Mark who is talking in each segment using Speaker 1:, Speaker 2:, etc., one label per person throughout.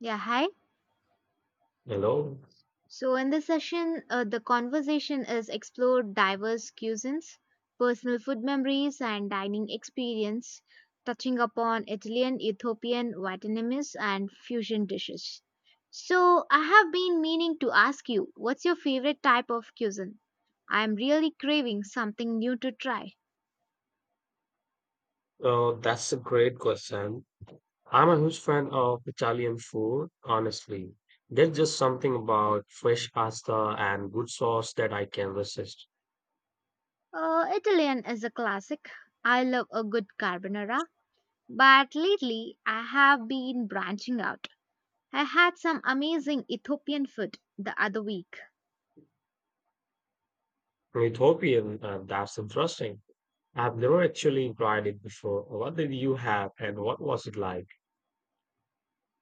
Speaker 1: Yeah, hi.
Speaker 2: Hello.
Speaker 1: So, in this session, the conversation is explored diverse cuisines, personal food memories, and dining experience, touching upon Italian, Ethiopian, Vietnamese, and fusion dishes. So, I have been meaning to ask you, what's your favorite type of cuisine? I'm really craving something new to try.
Speaker 2: Oh, that's a great question. I'm a huge fan of Italian food, honestly. There's just something about fresh pasta and good sauce that I can resist.
Speaker 1: Italian is a classic. I love a good carbonara, but lately I have been branching out. I had some amazing Ethiopian food the other week.
Speaker 2: Ethiopian, that's interesting. I've never actually tried it before. What did you have and what was it like?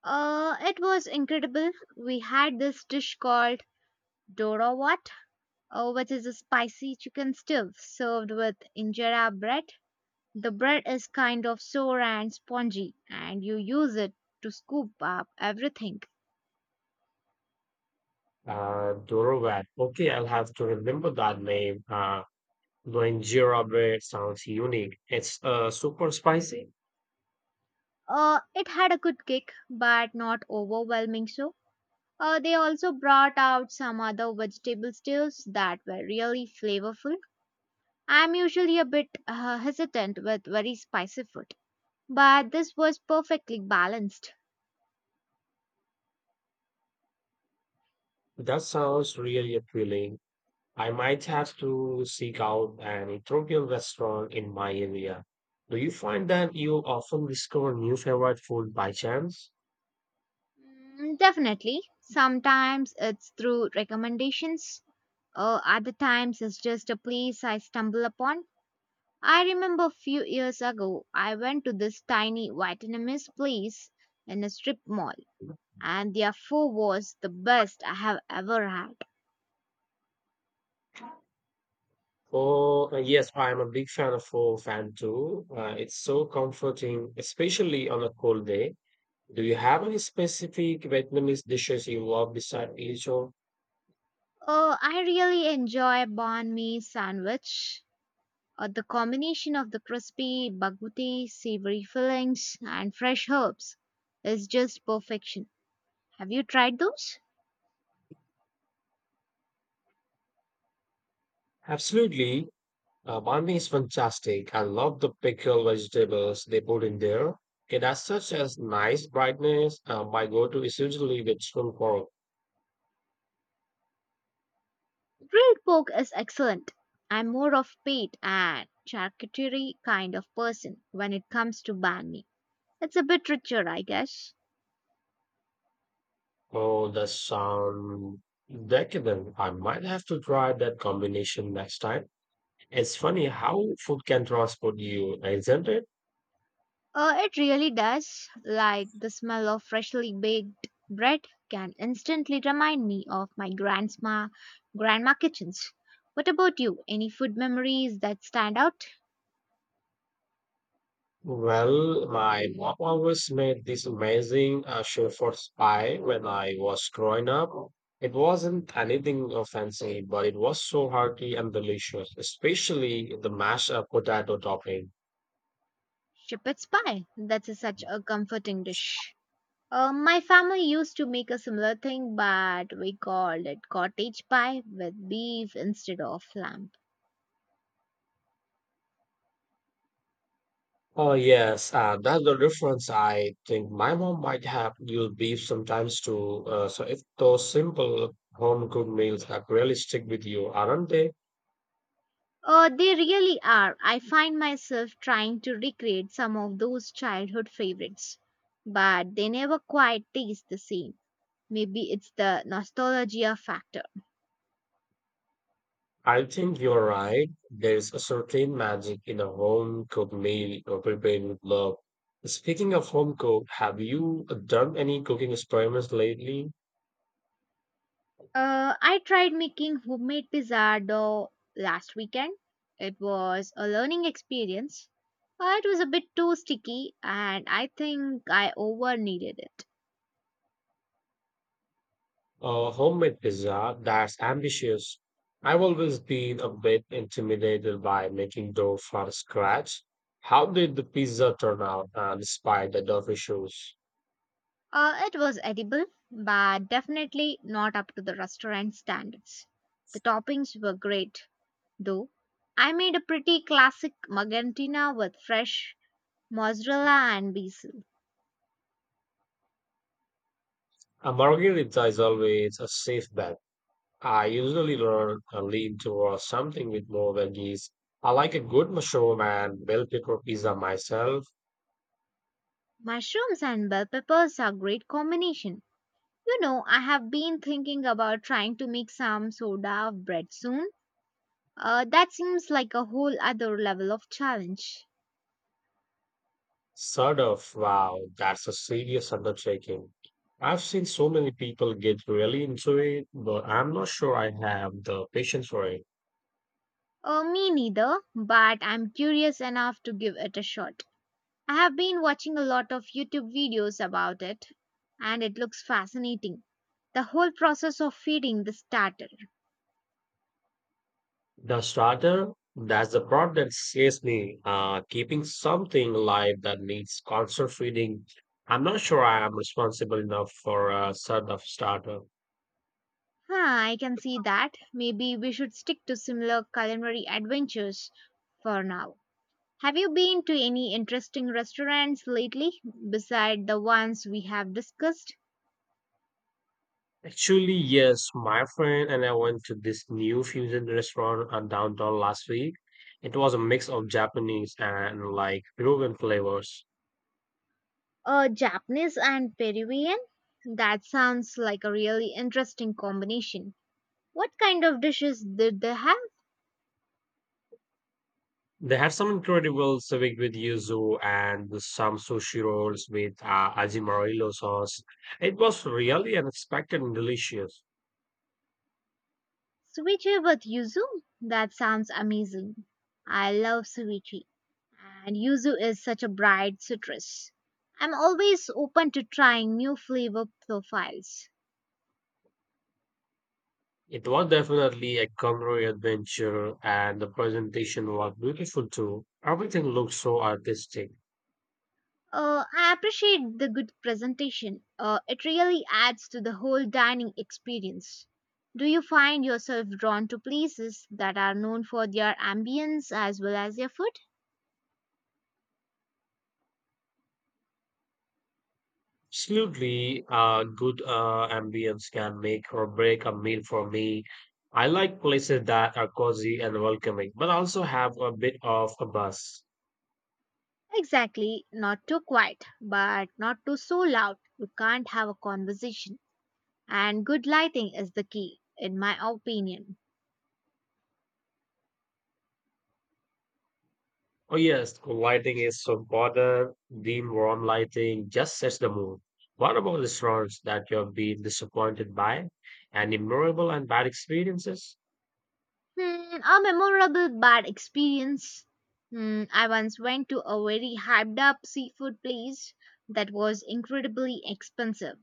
Speaker 1: It was incredible. We had this dish called dorawat, which is a spicy chicken stew served with injera bread. The bread is kind of sour and spongy, and you use it to scoop up everything.
Speaker 2: Dorovat. Okay, I'll have to remember that name. Doinjira bread sounds unique. It's super spicy.
Speaker 1: It had a good kick, but not overwhelming so. They also brought out some other vegetable stews that were really flavorful. I'm usually a bit hesitant with very spicy food, but this was perfectly balanced.
Speaker 2: That sounds really appealing. I might have to seek out an Ethiopian restaurant in my area. Do you find that you often discover new favorite food by chance?
Speaker 1: Mm, definitely. Sometimes it's through recommendations, or other times it's just a place I stumble upon. I remember a few years ago, I went to this tiny Vietnamese place in a strip mall, and their pho was the best I have ever had.
Speaker 2: Oh, yes, I'm a big fan of pho fan too. It's so comforting, especially on a cold day. Do you have any specific Vietnamese dishes you love beside each other?
Speaker 1: Oh, I really enjoy banh mi sandwich. The combination of the crispy, baguti, savory fillings, and fresh herbs is just perfection. Have you tried those?
Speaker 2: Absolutely. Banh mi is fantastic. I love the pickled vegetables they put in there. It has such a nice brightness. My go-to is usually with spoon pork.
Speaker 1: Grilled pork is excellent. I'm more of pate and charcuterie kind of person when it comes to banh mi. It's a bit richer, I guess.
Speaker 2: Oh, that sounds decadent. I might have to try that combination next time. It's funny how food can transport you, isn't it?
Speaker 1: It really does. Like the smell of freshly baked bread can instantly remind me of my grandma kitchens. What about you? Any food memories that stand out?
Speaker 2: Well, my mom always made this amazing Shepherd's pie when I was growing up. It wasn't anything fancy, but it was so hearty and delicious, especially the mashed potato topping.
Speaker 1: Shepherd's pie. Such a comforting dish. My family used to make a similar thing, but we called it cottage pie with beef instead of lamb.
Speaker 2: Oh yes, that's the difference. I think my mom might have used beef sometimes too. So if those simple home cooked meals that really stick with you, aren't they?
Speaker 1: They really are. I find myself trying to recreate some of those childhood favorites, but they never quite taste the same. Maybe it's the nostalgia factor.
Speaker 2: I think you're right. There's a certain magic in a home cooked meal or prepared with love. Speaking of home cooked, have you done any cooking experiments lately?
Speaker 1: I tried making homemade pizza dough last weekend. It was a learning experience, but it was a bit too sticky, and I think I over kneaded it.
Speaker 2: A homemade pizza, that's ambitious. I've always been a bit intimidated by making dough from scratch. How did the pizza turn out despite the dough issues?
Speaker 1: It was edible, but definitely not up to the restaurant standards. The toppings were great, though. I made a pretty classic magantina with fresh mozzarella and basil.
Speaker 2: A margherita is always a safe bet. I usually learn a lean towards something with more veggies. I like a good mushroom and bell pepper pizza myself.
Speaker 1: Mushrooms and bell peppers are great combination. You know, I have been thinking about trying to make some soda bread soon. That seems like a whole other level of challenge.
Speaker 2: Sort of, wow, that's a serious undertaking. I've seen so many people get really into it, but I'm not sure I have the patience for it.
Speaker 1: Me neither, but I'm curious enough to give it a shot. I have been watching a lot of YouTube videos about it, and it looks fascinating. The whole process of feeding the starter.
Speaker 2: The starter, that's the part that scares me. Keeping something alive that needs constant feeding. I'm not sure I am responsible enough for a sort of starter.
Speaker 1: Huh, I can see that. Maybe we should stick to similar culinary adventures for now. Have you been to any interesting restaurants lately beside the ones we have discussed?
Speaker 2: Actually, yes, my friend and I went to this new fusion restaurant downtown last week. It was a mix of Japanese and like Peruvian flavors.
Speaker 1: Japanese and Peruvian? That sounds like a really interesting combination. What kind of dishes did they have?
Speaker 2: They have some incredible civic with yuzu and some sushi rolls with ajimarillo sauce. It was really unexpected and delicious.
Speaker 1: Ceviche with yuzu? That sounds amazing. I love ceviche. And yuzu is such a bright citrus. I'm always open to trying new flavor profiles.
Speaker 2: It was definitely a culinary adventure, and the presentation was beautiful too. Everything looked so artistic.
Speaker 1: I appreciate the good presentation. It really adds to the whole dining experience. Do you find yourself drawn to places that are known for their ambience as well as their food?
Speaker 2: Absolutely, good ambience can make or break a meal for me. I like places that are cozy and welcoming, but also have a bit of a buzz.
Speaker 1: Exactly, not too quiet, but not too so loud. You can't have a conversation. And good lighting is the key, in my opinion.
Speaker 2: Oh yes, cool lighting is so important. Dim warm lighting just sets the mood. What about restaurants that you have been disappointed by? Any memorable and bad experiences?
Speaker 1: Hmm, a memorable bad experience. Hmm, I once went to a very hyped up seafood place that was incredibly expensive,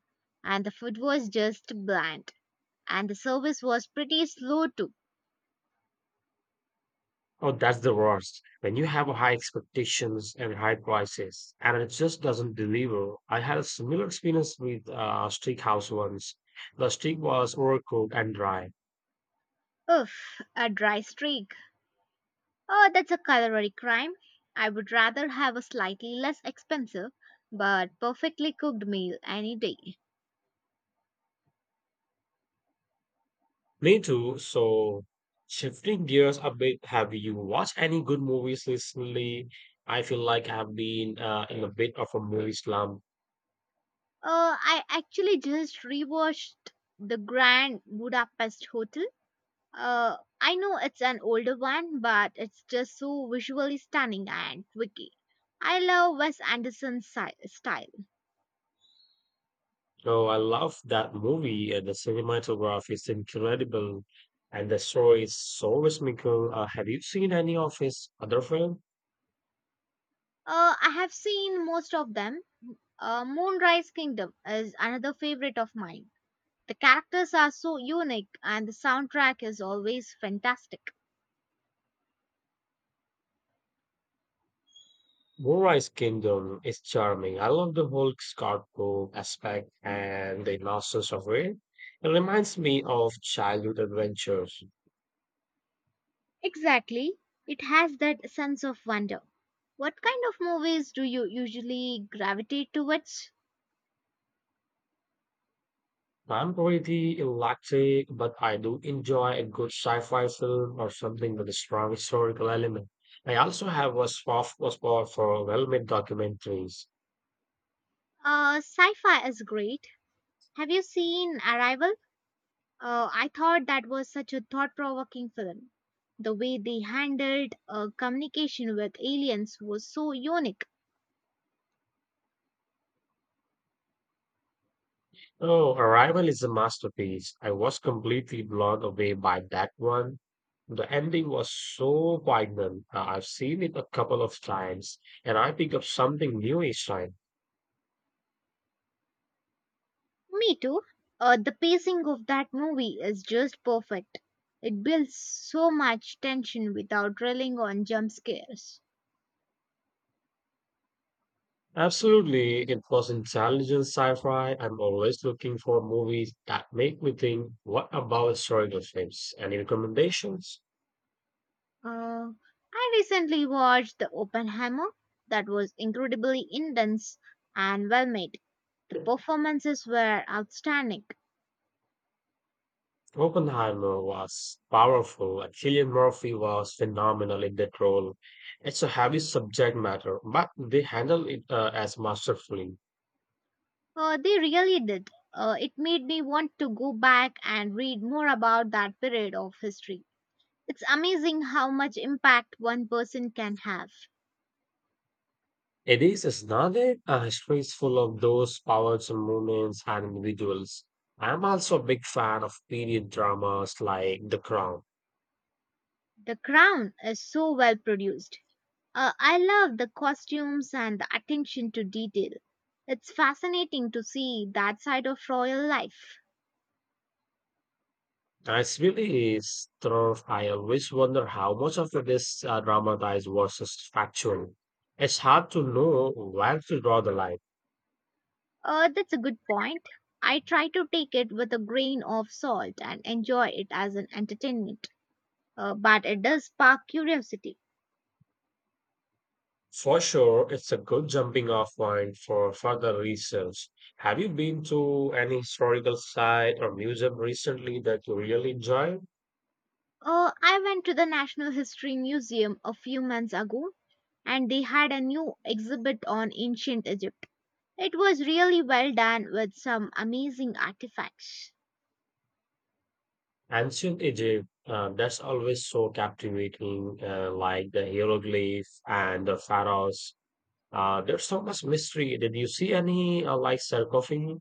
Speaker 1: and the food was just bland, and the service was pretty slow too.
Speaker 2: Oh, that's the worst. When you have high expectations and high prices, and it just doesn't deliver. I had a similar experience with steakhouse once. The steak was overcooked and dry.
Speaker 1: Ugh, a dry streak. Oh, that's a culinary crime. I would rather have a slightly less expensive but perfectly cooked meal any day.
Speaker 2: Me too. So, shifting gears a bit, have you watched any good movies recently? I feel like I've been in a bit of a movie slump.
Speaker 1: Oh, I actually just rewatched the Grand Budapest Hotel. I know it's an older one, but it's just so visually stunning and quirky. I love Wes Anderson's style.
Speaker 2: Oh, I love that movie. The cinematography is incredible, and the story is so whimsical. Have you seen any of his other film?
Speaker 1: I have seen most of them. Moonrise Kingdom is another favorite of mine. The characters are so unique, and the soundtrack is always fantastic.
Speaker 2: Moonrise Kingdom is charming. I love the whole Scarecrow aspect and the innocence of it. It reminds me of childhood adventures.
Speaker 1: Exactly, it has that sense of wonder. What kind of movies do you usually gravitate towards?
Speaker 2: I'm pretty electric, but I do enjoy a good sci-fi film or something with a strong historical element. I also have a soft spot for well-made documentaries.
Speaker 1: Sci fi is great. Have you seen Arrival? I thought that was such a thought provoking film. The way they handled communication with aliens was so unique.
Speaker 2: Oh, Arrival is a masterpiece. I was completely blown away by that one. The ending was so poignant. I've seen it a couple of times, and I pick up something new each time.
Speaker 1: Me too. The pacing of that movie is just perfect. It builds so much tension without drilling on jump scares.
Speaker 2: Absolutely, it was intelligent sci-fi. I'm always looking for movies that make me think. What about historical films? Any recommendations?
Speaker 1: Uh, I recently watched The Oppenheimer, that was incredibly intense and well made. The performances were outstanding.
Speaker 2: Oppenheimer was powerful, and Cillian Murphy was phenomenal in that role. It's a heavy subject matter, but they handle it as masterfully.
Speaker 1: They really did. It made me want to go back and read more about that period of history. It's amazing how much impact one person can have.
Speaker 2: It is not it? History is full of those powers and movements and individuals. I'm also a big fan of period dramas like The Crown.
Speaker 1: The crown is so well produced. I love the costumes and the attention to detail. It's fascinating to see that side of royal life.
Speaker 2: It's really is true. I always wonder how much of it is dramatized versus factual. It's hard to know where to draw the line.
Speaker 1: That's a good point. I try to take it with a grain of salt and enjoy it as an entertainment, but it does spark curiosity.
Speaker 2: For sure, it's a good jumping off point for further research. Have you been to any historical site or museum recently that you really enjoyed?
Speaker 1: Oh, I went to the National History Museum a few months ago and they had a new exhibit on ancient Egypt. It was really well done with some amazing artifacts.
Speaker 2: Ancient Egypt, that's always so captivating, like the hieroglyph and the pharaohs. There's so much mystery. Did you see any like sarcophagi?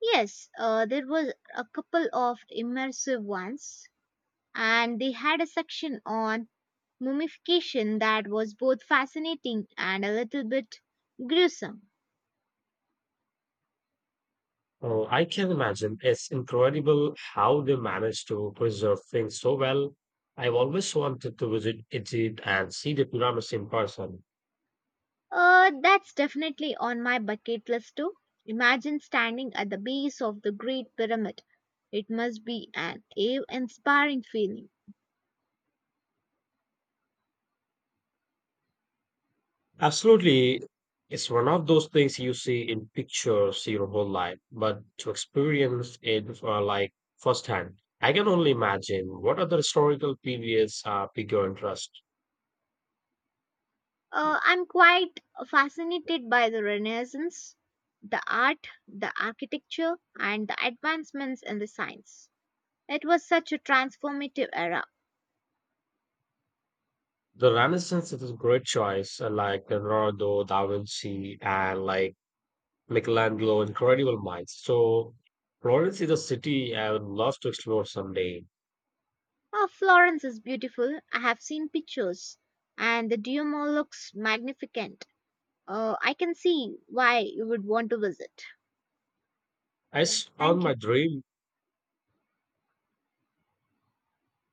Speaker 1: Yes, there was a couple of immersive ones and they had a section on mummification that was both fascinating and a little bit gruesome.
Speaker 2: Oh, I can imagine. It's incredible how they managed to preserve things so well. I've always wanted to visit Egypt and see the pyramids in person.
Speaker 1: That's definitely on my bucket list too. Imagine standing at the base of the Great Pyramid. It must be an awe inspiring feeling.
Speaker 2: Absolutely. It's one of those things you see in pictures your whole life, but to experience it like firsthand, I can only imagine what other historical periods are bigger interest.
Speaker 1: I'm quite fascinated by the Renaissance, the art, the architecture, and the advancements in the science. It was such a transformative era.
Speaker 2: The Renaissance is a great choice, like Leonardo da Vinci and like Michelangelo, incredible minds. So Florence is a city I would love to explore someday.
Speaker 1: Oh, Florence is beautiful. I have seen pictures, and the Duomo looks magnificent. I can see why you would want to visit. Yeah,
Speaker 2: It's on
Speaker 1: thank you.
Speaker 2: my dream